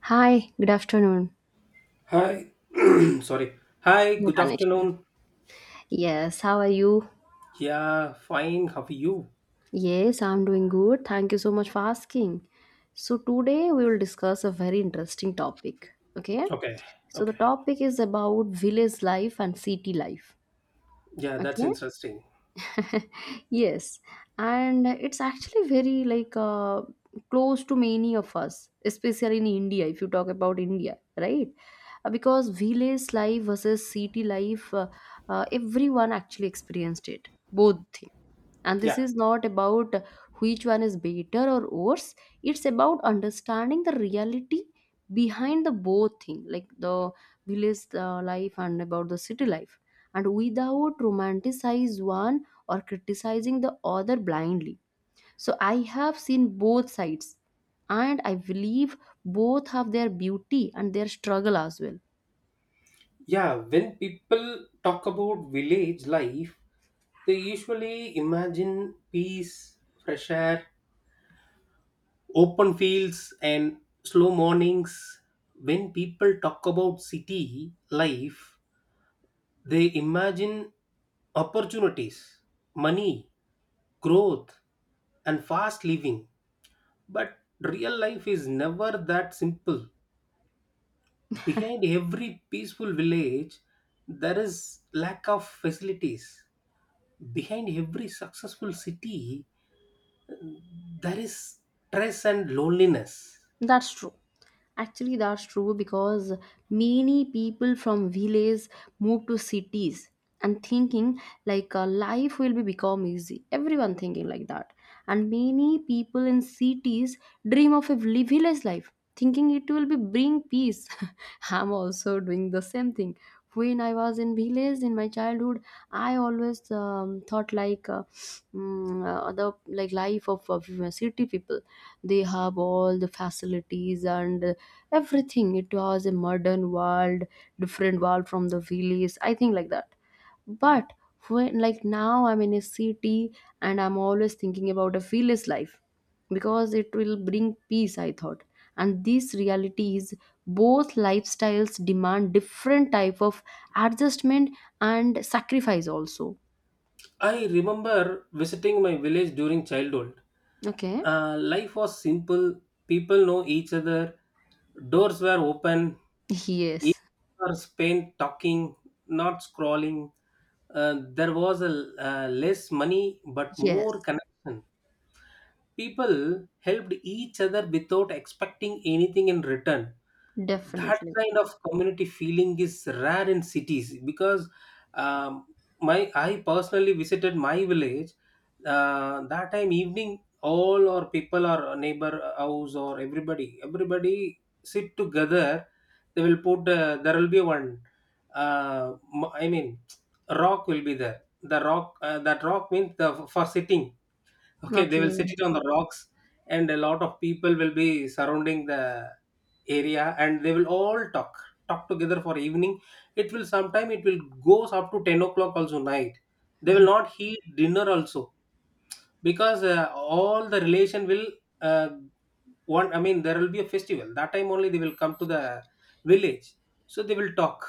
Hi, good afternoon. Hi. Sorry. Hi, Not good an afternoon. Yes, how are you? Yeah, fine. How are you? Yes, I'm doing good. Thank you so much for asking. So, today we will discuss a very interesting topic. Okay, Okay. so the Okay. topic is about village life and city life. Yeah, that's Okay, interesting. yes, and it's actually very close to many of us, especially in India. If you talk about India, right? Because village life versus city life, everyone actually experienced it, both things, and Yeah. this is not about which one is better or worse. It's about understanding the reality behind the both thing, like the village life and about the city life, and without romanticize one or criticizing the other blindly. So I have seen both sides, and I believe both have their beauty and their struggle as well. Yeah, when people talk about village life, they usually imagine peace, fresh air, open fields, and slow mornings. When people talk about city life, they imagine opportunities, money, growth, and fast living. But real life is never that simple. Behind every peaceful village, there is lack of facilities. Behind every successful city, there is stress and loneliness. That's true. Actually, that's true because many people from villages move to cities and thinking life will be become easy. Everyone thinking like that, and many people in cities dream of a village life, thinking it will be bring peace. I'm also doing the same thing. When I was in village in my childhood, I always thought the like life of city people, they have all the facilities, and everything. It was a modern world, different world from the village, I think like that. But when like now I'm in a city, and I'm always thinking about a village life because it will bring peace, I thought. And this reality is, both lifestyles demand different type of adjustment and sacrifice also. I remember visiting my village during childhood. Okay, Life was simple. People know each other. Doors were open. yes, Years were spent talking, not scrolling. There was less money but more yes, connection. People helped each other without expecting anything in return. That definitely. kind of community feeling is rare in cities because um, my I personally visited my village. That time evening, all our people, our neighbor house, or everybody sit together. They will put There will be one, uh, I mean, rock will be there. The rock uh, that rock means the, for sitting. Okay, they will Okay. sit it on the rocks, and a lot of people will be surrounding the area, and they will all talk together for evening. It will sometime, it will goes up to 10 o'clock also night. They will not eat dinner also because all the relation will, uh, one. I mean, there will be a festival that time only they will come to the village, so they will talk.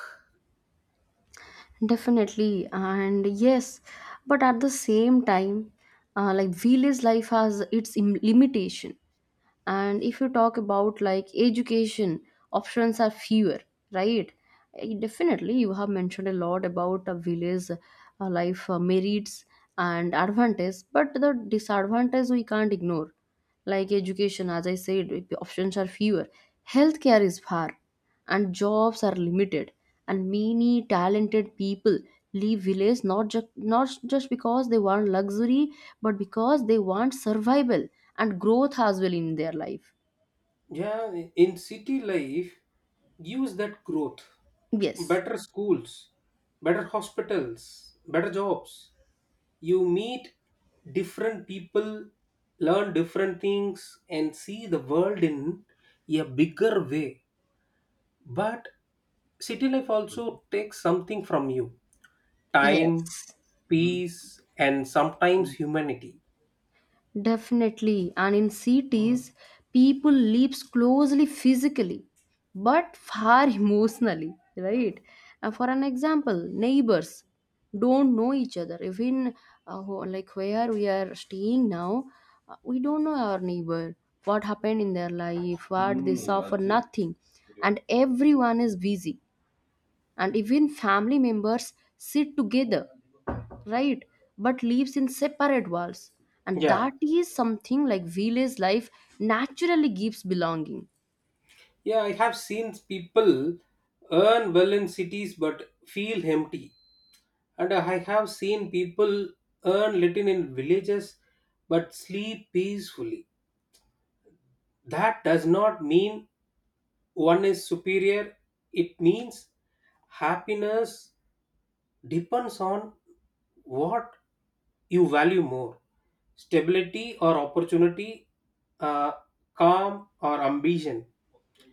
Definitely, and yes, but at the same time, like village life has its limitation. And if you talk about like education, options are fewer, right? Definitely, you have mentioned a lot about a village life merits and advantages, but the disadvantage we can't ignore, like education. As I said, options are fewer, healthcare is far, and jobs are limited, and many talented people leave village not just because they want luxury, but because they want survival and growth as well in their life. Yeah, in city life, use that growth. Yes. Better schools, better hospitals, better jobs. You meet different people, learn different things, and see the world in a bigger way. But city life also takes something from you time, Yes. peace, and sometimes humanity. Definitely. And in cities, people live closely physically, but far emotionally, right? Now, for an example, neighbors don't know each other. Even like where we are staying now, we don't know our neighbor, what happened in their life, what they suffer, nothing. And everyone is busy. And even family members sit together, right, but lives in separate worlds. And Yeah. that is something like village life naturally gives belonging. Yeah, I have seen people earn well in cities but feel empty. And I have seen people earn little in villages but sleep peacefully. That does not mean one is superior. It means happiness depends on what you value more stability or opportunity, uh, calm or ambition.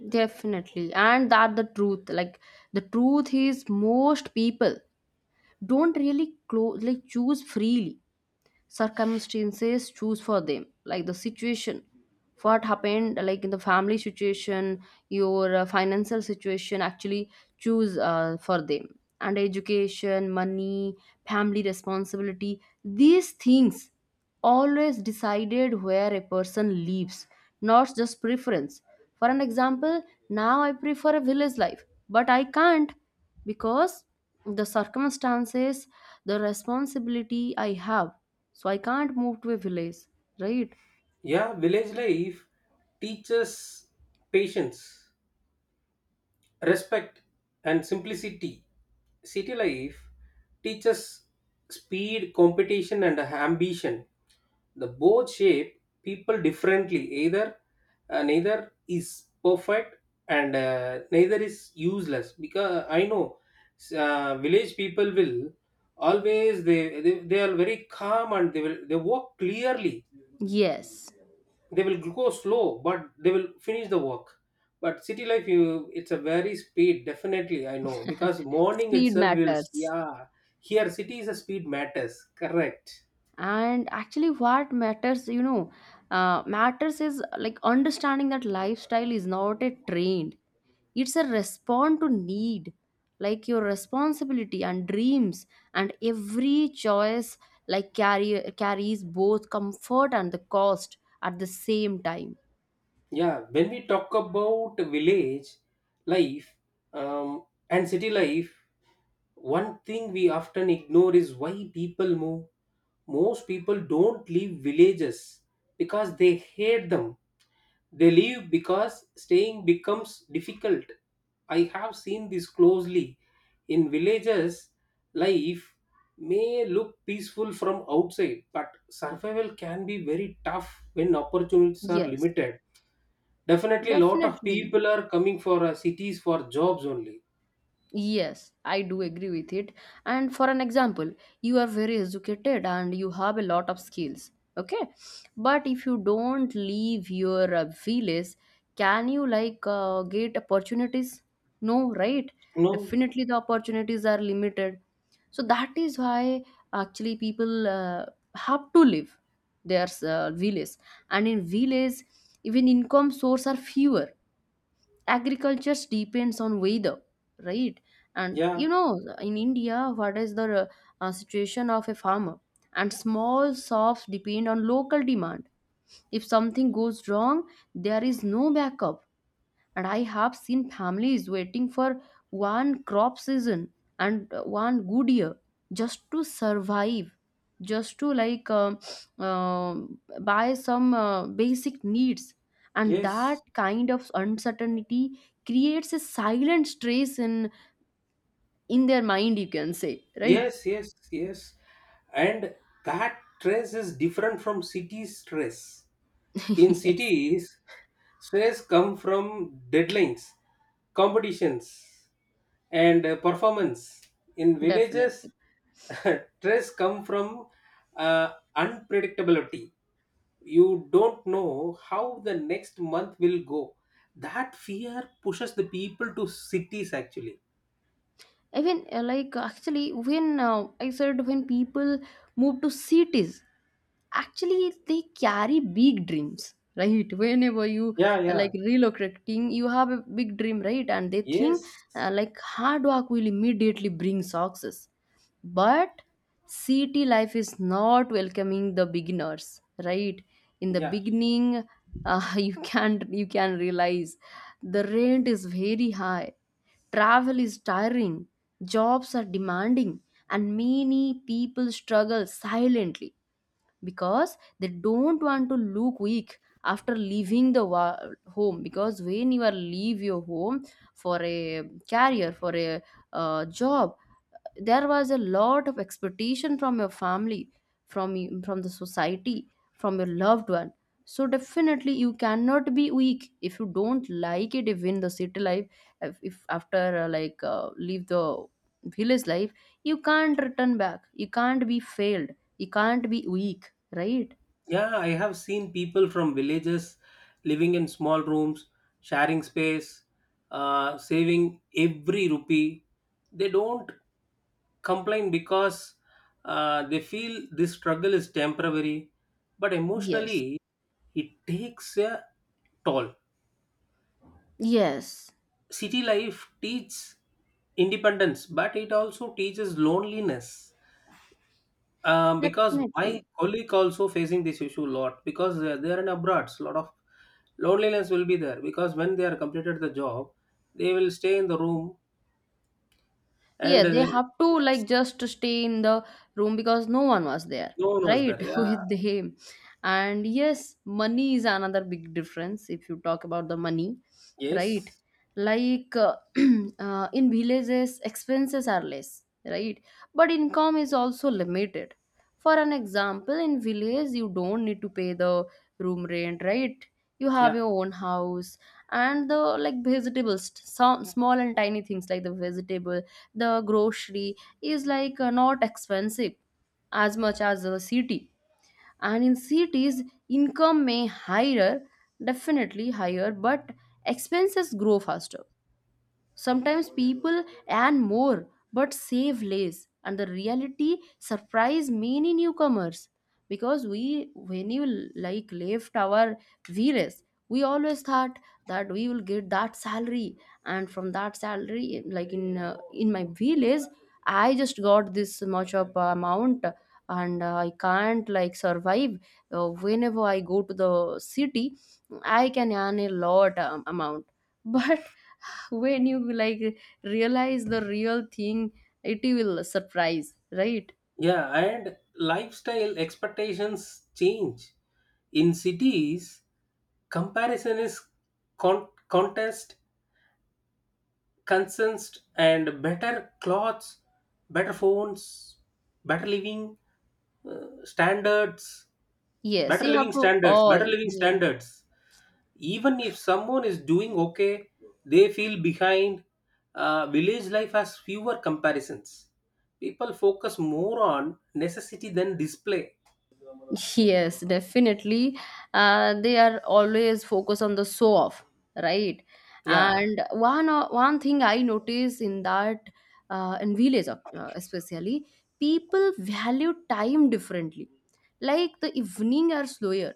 Definitely. And that the truth, like the truth is most people don't really close like choose freely. Circumstances choose for them, like the situation, what happened, like in the family situation, your financial situation actually choose for them. And education, money, family responsibility, these things always decided where a person lives, not just preference. For an example, now I prefer a village life, but I can't, because the circumstances, the responsibility I have, so I can't move to a village, right? Yeah, village life teaches patience, respect, and simplicity. City life teaches speed, competition, and ambition. The both shape people differently. Either Neither is perfect, and neither is useless. Because I know village people will always they are very calm, and they walk clearly. Yes, They will go slow but they will finish the work. But city life, you it's a very speed. Definitely I know because morning speed itself will, matters. yeah, here city is a speed matters. Correct. And actually, what matters, you know, matters is like understanding that lifestyle is not a trend, it's a response to need, like your responsibility and dreams. And every choice, like, carries both comfort and the cost at the same time. Yeah, when we talk about village life, um, and city life, one thing we often ignore is why people move. Most people don't leave villages because they hate them. They leave because staying becomes difficult. I have seen this closely. In villages, life may look peaceful from outside, but survival can be very tough when opportunities are Yes, limited. Definitely, lot of definitely. people are coming for cities for jobs only. Yes, I do agree with it. And for an example, you are very educated and you have a lot of skills. Okay, but if you don't leave your village, can you get opportunities? No, right? No, Definitely, the opportunities are limited. So that is why actually people have to leave their village. And in village, even income source are fewer, agriculture depends on weather, right? And you yeah, know in India what is the situation of a farmer. And small shops depend on local demand. If something goes wrong, there is no backup. And I have seen families waiting for one crop season and one good year just to survive, just to buy some basic needs. And that yes. kind of uncertainty creates a silent stress in their mind, you can say, right? Yes, yes, yes. And that stress is different from city stress. In Yes, cities, stress come from deadlines, competitions, and performance. In villages, definitely. stress come from uh, unpredictability. You don't know how the next month will go. That fear pushes the people to cities actually. Even like actually when I said when people move to cities, actually they carry big dreams, right? Whenever you Yeah, yeah. like relocating, you have a big dream, right? And they think Yes. Like hard work will immediately bring success. But city life is not welcoming the beginners, right? In the Yeah. beginning, you can realize the rent is very high, travel is tiring, jobs are demanding, and many people struggle silently because they don't want to look weak after leaving the home. Because when you are leave your home for a career, for a job, there was a lot of expectation from your family, from from the society, from your loved one. So definitely you cannot be weak. If you don't like it, if in the city life, if after leave the village life, you can't return back, you can't be failed, you can't be weak, right? Yeah, I have seen people from villages living in small rooms, sharing space, saving every rupee. They don't complain because they feel this struggle is temporary, but Yes. emotionally, it takes a toll. Yes. City life teaches independence, but it also teaches loneliness. Because my Definitely. colleague also facing this issue a lot because they are in abroad. A lot of loneliness will be there because when they are completed the job, they will stay in the room, Yeah, and they they, have to yes, like just stay in the room because no one was there, no one was right? there, yeah. With them. And yes, money is another big difference if you talk about the money, right? Yes, Like uh, in villages, expenses are less, right? But income is also limited. For an example, in village, you don't need to pay the room rent, right? You have yeah, your own house, and the like vegetables, some small and tiny things like the vegetable, the grocery is not expensive as much as the city. And in cities, income may higher, definitely higher, but expenses grow faster. Sometimes people earn more but save less, and the reality surprise many newcomers. Because we, when you like left our VRS, we always thought that we will get that salary, and from that salary, in my village, I just got this much of amount, and I can't like survive. Whenever I go to the city, I can earn a lot amount, but when you like realize the real thing, it will surprise, right? yeah, and lifestyle expectations change. In cities, comparison is contest consensed, and better clothes, better phones, better living, standards, Yes, better you have living to standards, better all, living yeah. standards. Even if someone is doing okay, they feel behind. Village life has fewer comparisons. People focus more on necessity than display. Yes, definitely. They are always focused on the show off, right? Yeah, And one thing I notice in that, in village especially, people value time differently. Like the evening are slower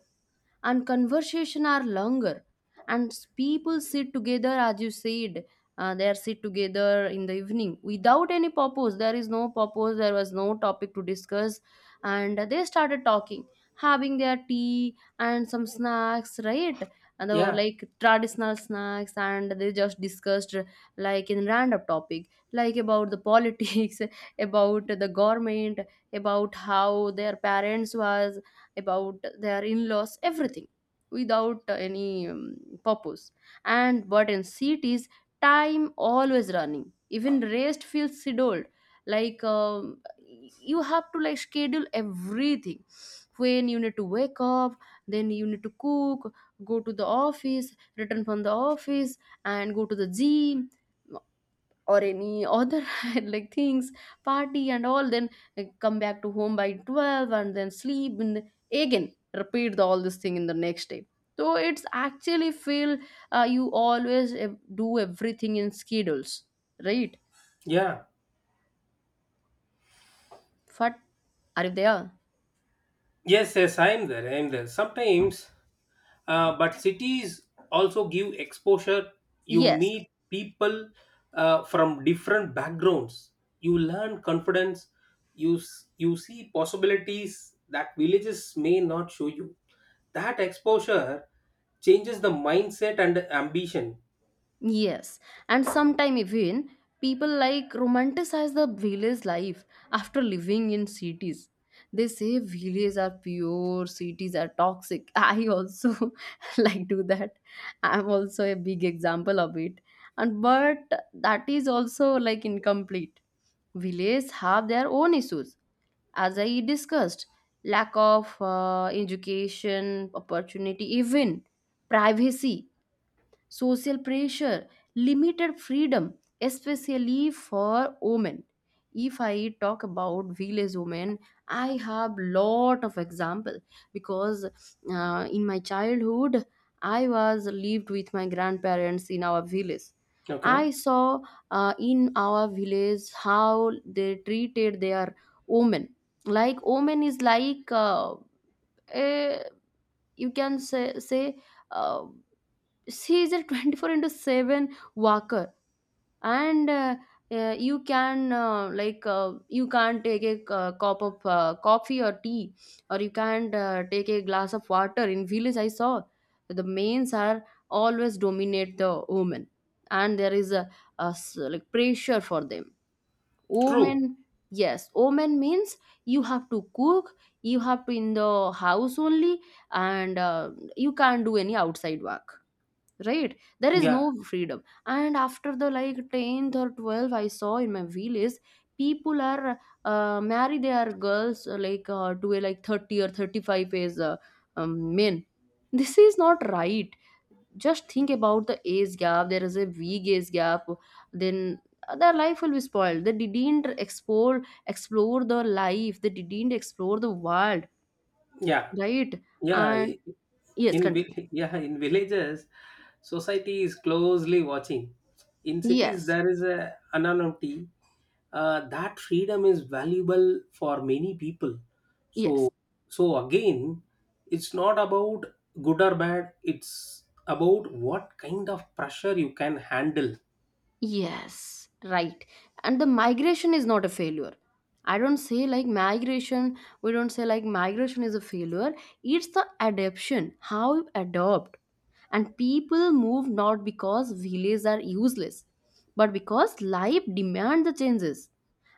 and conversation are longer, and people sit together as you said. They are sit together in the evening without any purpose. There is no purpose. There was no topic to discuss, and they started talking, having their tea and some snacks, right? And yeah, like traditional snacks, and they just discussed like in random topic, like about the politics, about the government, about how their parents was, about their in-laws, everything without any purpose. And but in cities, time always running, even rest feels scheduled. like um, you have to like schedule everything: when you need to wake up, then you need to cook, go to the office, return from the office, and go to the gym or any other like things, party and all, then like, come back to home by 12 and then sleep, and again repeat all this thing in the next day. So it's actually feel you always do everything in schedules, right? yeah, Fat, are you there? yes, yes, I'm there, sometimes. But cities also give exposure. You Yes. meet people from different backgrounds. You learn confidence. You see possibilities that villages may not show you. That exposure changes the mindset and ambition. Yes, and sometime even people like romanticize the village life after living in cities. They say villages are pure, cities are toxic. I also like do that. I'm also a big example of it. And but that is also like incomplete. Villages have their own issues, as I discussed: lack of education, opportunity, even privacy, social pressure, limited freedom, especially for women. If I talk about village women, I have lot of example, because in my childhood I was lived with my grandparents in our village. Okay, I saw in our village how they treated their women. Like women is like a, you can say uh, she is a 24 into 7 walker, and you can you can't take a cup of coffee or tea, or you can't take a glass of water. In village I saw the mains are always dominate the women, and there is like pressure for them, true, women. Yes, women means you have to cook, you have to in the house only. And you can't do any outside work, right? There is yeah, no freedom. And after the like 10th or 12th, I saw in my village people are marry their girls to a like 30 or 35 as men. This is not right. Just think about the age gap. There is a big age gap. Then their life will be spoiled. They didn't explore the life. They didn't explore the world, yeah, right? yeah. And yes, continue. Yeah, in villages, society is closely watching. In cities, Yes, there is a anonymity. That freedom is valuable for many people. yes. So so again, it's not about good or bad, it's about what kind of pressure you can handle. Yes, right. And the migration is not a failure. I don't say like migration, we don't say like migration is a failure. It's the adaption, how you adopt. And people move not because villages are useless, but because life demands the changes.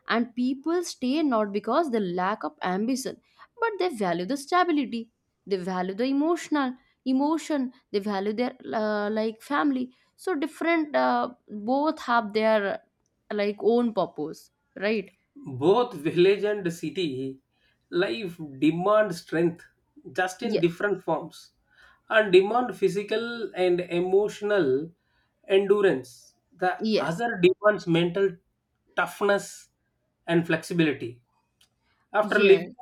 And people stay not because they lack of ambition, but they value the stability. They value the emotional emotion. They value their like family. So different, both have their like own purpose, right? Both village and city life demand strength, just in Yes, different forms. And demand physical and emotional endurance. The yes, other demands mental toughness and flexibility. After living, yes.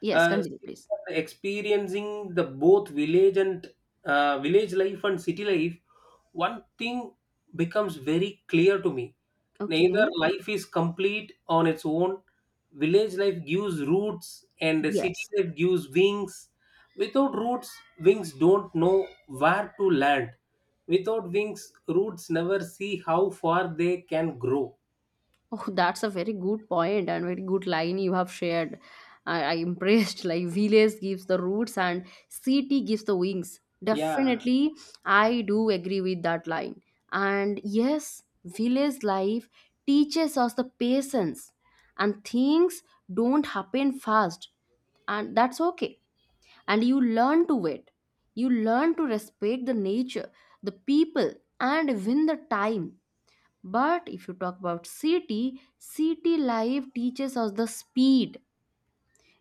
Yes, uh, continue please. experiencing the both village life and city life, one thing becomes very clear to me. Neither Okay. life is complete on its own. Village life gives roots, and the city Yes. life gives wings. Without roots, wings don't know where to land. Without wings, roots never see how far they can grow. Oh, that's a very good point and very good line you have shared. I impressed. Like village gives the roots and city gives the wings. Yeah, Definitely, I do agree with that line. And yes, village life teaches us the patience, and things don't happen fast, and that's okay. And you learn to wait. You learn to respect the nature, the people, and even the time. But if you talk about CT, CT life teaches us the speed.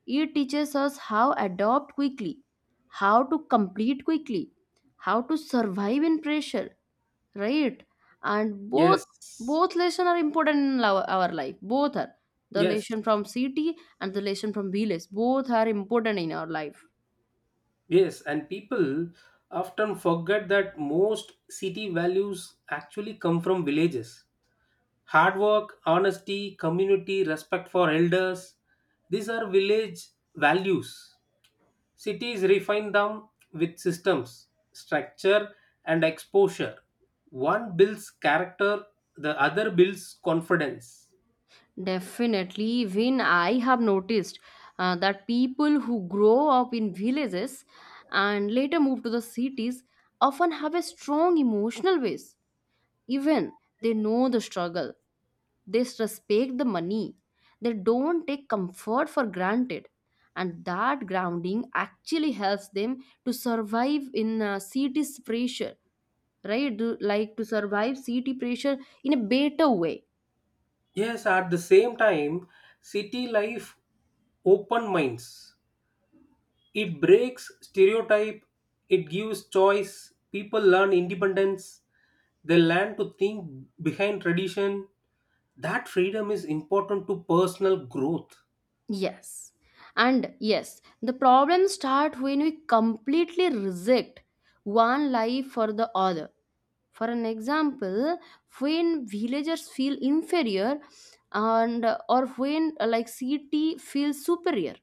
It teaches us how adopt quickly, how to complete quickly, how to survive in pressure, right? And both yes, both lesson are important in our life. Both are the yes. lesson from CT and the lesson from BLS. Both are important in our life. Yes, and people often forget that most city values actually come from villages. Hard work, honesty, community, respect for elders, these are village values. Cities refine them with systems, structure, and exposure. One builds character, the other builds confidence. Definitely, even I have noticed that people who grow up in villages and later move to the cities often have a strong emotional base. Even they know the struggle, they respect the money, they don't take comfort for granted, and that grounding actually helps them to survive in cities pressure, right? Like to survive city pressure in a better way. Yes, at the same time, city life open minds. It breaks stereotype, it gives choice, people learn independence, they learn to think behind tradition. That freedom is important to personal growth. Yes. And yes, the problems start when we completely reject one life for the other. For an example, when villagers feel inferior, and or when like city feels superior,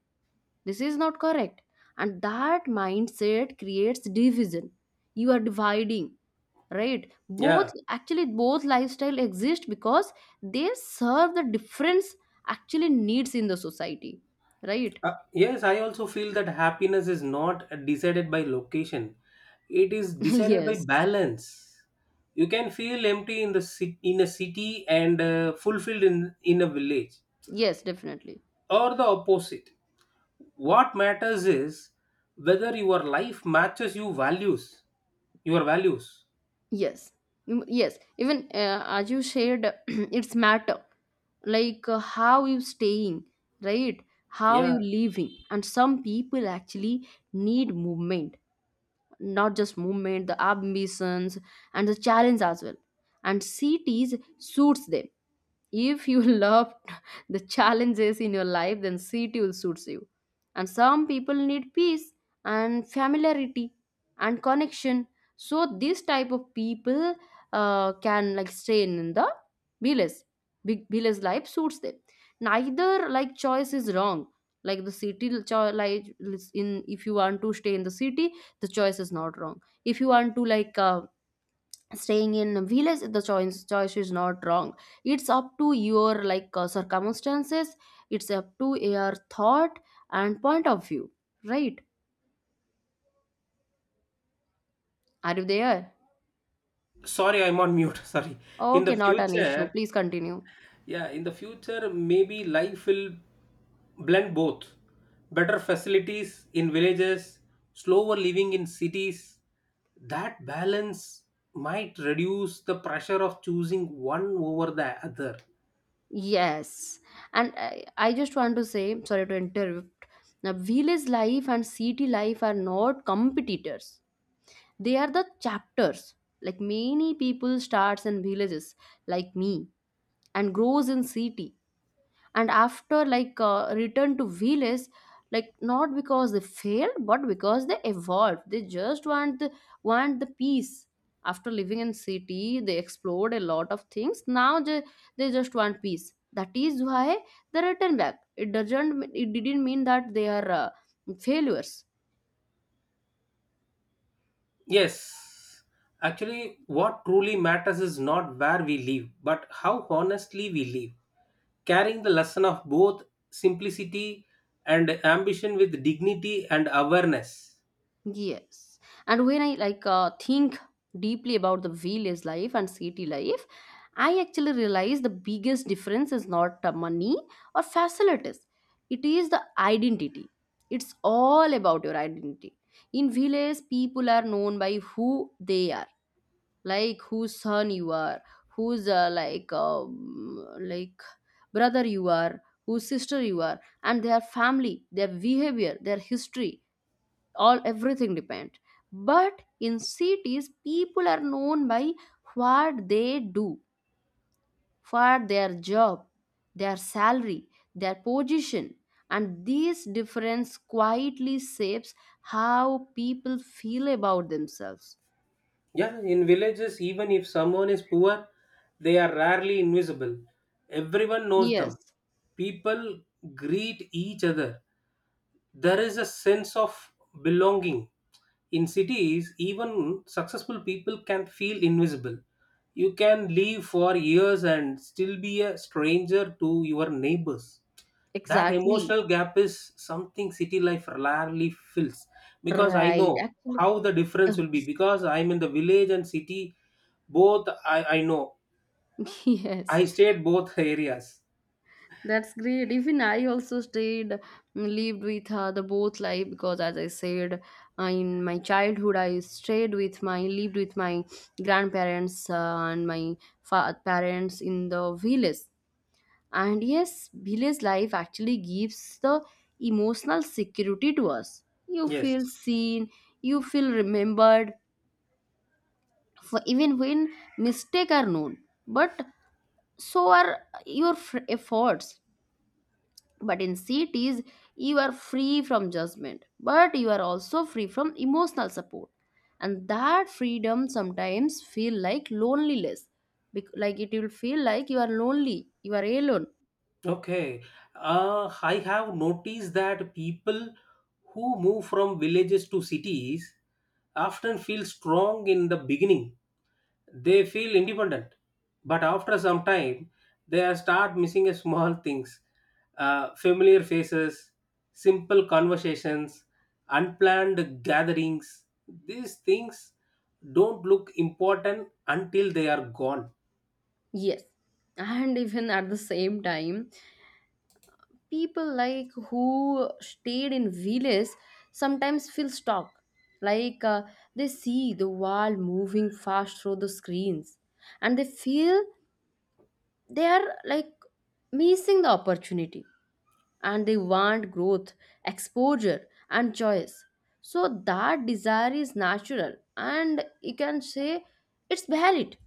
this is not correct. And that mindset creates division. You are dividing, right? Both, Yeah. actually both lifestyle exist because they serve the difference actually needs in the society, right? Yes, I also feel that happiness is not decided by location. It is decided by Yes. balance. You can feel empty in in a city and fulfilled in a village. Yes, definitely. Or the opposite. What matters is whether your life matches your values. Your values. Yes. Mm, yes, even as you shared, it's matter, like how you staying, right? How Yeah. you living. And some people actually need movement, not just movement, the ambitions and the challenge as well. And cities suits them. If you love the challenges in your life, then city will suits you. And some people need peace and familiarity and connection. So this type of people can like stay in the villas. Big villas life suits them. Neither like choice is wrong. Like the like in, if you want to stay in the city, the choice is not wrong. If you want to like staying in a village, the choice is not wrong. It's up to your like circumstances, it's up to your thought and point of view, right? Are you there? Sorry, I'm on mute. Sorry. In Okay, the not an issue, future, please continue. yeah, maybe life will blend both better facilities in villages, slower living in cities. That balance might reduce the pressure of choosing one over the other. Yes, and I just want to say, sorry to interrupt. Now, village life and city life are not competitors. They are the chapters. Like many people starts in villages, like me, and grows in city. And after like return to village, like not because they fail, but because they evolve. They just want the peace. After living in city they explored a lot of things. Now they just want peace. That is why they return back. It doesn't it didn't mean that they are failures. Yes. Actually, what truly matters is not where we live, but how honestly we live, carrying the lesson of both simplicity and ambition with dignity and awareness. Yes. And when I like think deeply about the village life and city life, I actually realize the biggest difference is not money or facilities. It is the identity. It's all about your identity. In village, people are known by who they are, like whose son you are, whose brother you are, whose sister you are, and their family, their behavior, their history, all everything depend. But in cities, people are known by what they do, for their job, their salary, their position. And this difference quietly shapes how people feel about themselves. Yeah, in villages, even if someone is poor, they are rarely invisible. Everyone knows Yes. them. People greet each other. There is a sense of belonging. In cities, even successful people can feel invisible. You can live for years and still be a stranger to your neighbors. That Exactly. emotional gap is something city life rarely fills because I Right, know actually. how the difference will be because I'm in the village and city both. I know. Yes. I stayed both areas. That's great. Even I also lived with the both life because, as I said, in my childhood, I lived with my grandparents and my parents in the village. And yes, village life actually gives the emotional security to us. You feel Yes. seen, you feel remembered, for even when mistakes are known. But so are your efforts. But in cities you are free from judgment, but you are also free from emotional support. And that freedom sometimes feel like loneliness. Like it will feel like you are lonely, you are alone. Okay, I have noticed that people who move from villages to cities often feel strong in the beginning. They feel independent, but after some time, they are start missing a small things, familiar faces, simple conversations, unplanned gatherings. These things don't look important until they are gone. Yes. And even at the same time, people like who stayed in villages sometimes feel stuck, like they see the world moving fast through the screens, and they feel they are like missing the opportunity. And they want growth, exposure, and choice. So that desire is natural, and you can say it's valid,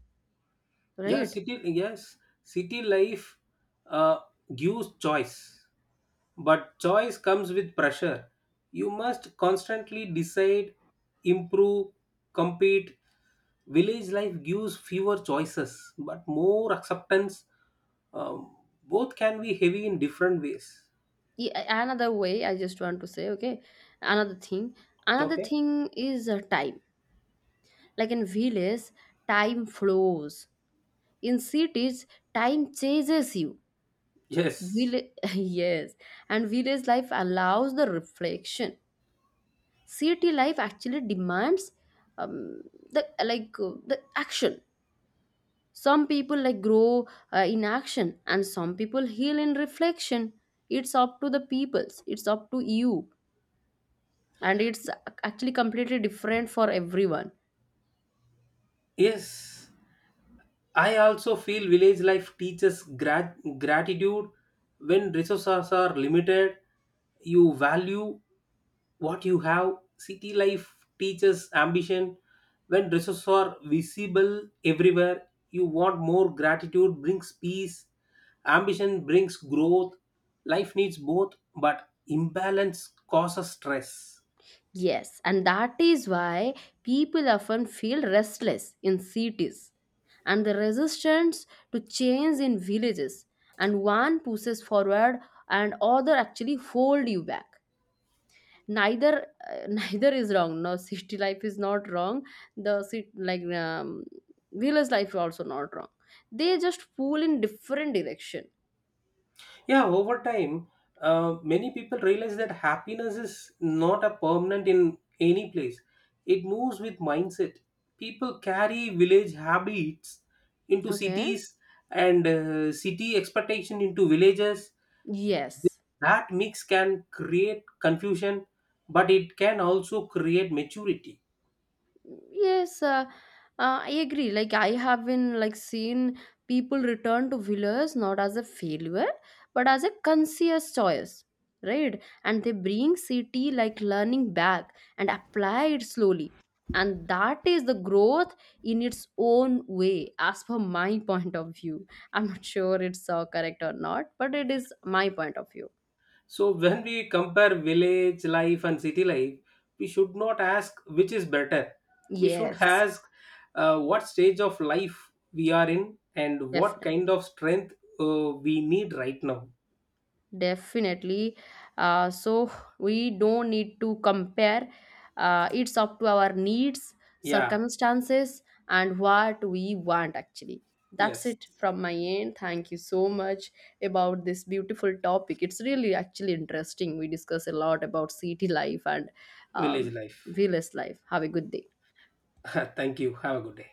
Yeah, right? city. Yes, city life uh, gives choice, but choice comes with pressure. You must constantly decide, improve, compete. Village life gives fewer choices but more acceptance. Um, Both can be heavy in different ways. Another way I just want to say, okay, another thing, another Okay. thing is time. Like in villages time flows, in cities time chases you. Yes. Village, yes. And village life allows the reflection. City life actually demands um, the like the action. Some people like grow in action, and some people heal in reflection. It's up to the peoples, it's up to you. And it's actually completely different for everyone. Yes. I also feel village life teaches gratitude when resources are limited. You value what you have. City life teaches ambition when resources are visible everywhere. You want more. Gratitude brings peace, ambition brings growth. Life needs both, but imbalance causes stress. Yes. And that is why people often feel restless in cities, and the resistance to change in villages. And one pushes forward, and other actually hold you back. Neither neither is wrong. No, city life is not wrong. The city like village life is also not wrong. They just pull in different direction. Yeah, over time, many people realize that happiness is not a permanent in any place. It moves with mindset. People carry village habits into Okay. cities, and city expectation into villages. Yes. That mix can create confusion, but it can also create maturity. Yes, I agree. Like I have been like seen people return to villas not as a failure but as a conscious choice, right? And they bring city like learning back and apply it slowly, and that is the growth in its own way, as per my point of view. I'm not sure it's correct or not, but it is my point of view. So when we compare village life and city life, we should not ask which is better. We should Yes, ask what stage of life we are in and what kind definitely. of strength we need right now. Definitely. So we don't need to compare. It's up to our needs, Yeah, circumstances, and what we want actually. That's yes, it from my end. Thank you so much about this beautiful topic. It's really actually interesting. We discuss a lot about city life and village um, life. village life. Have a good day. Thank you. Have a good day.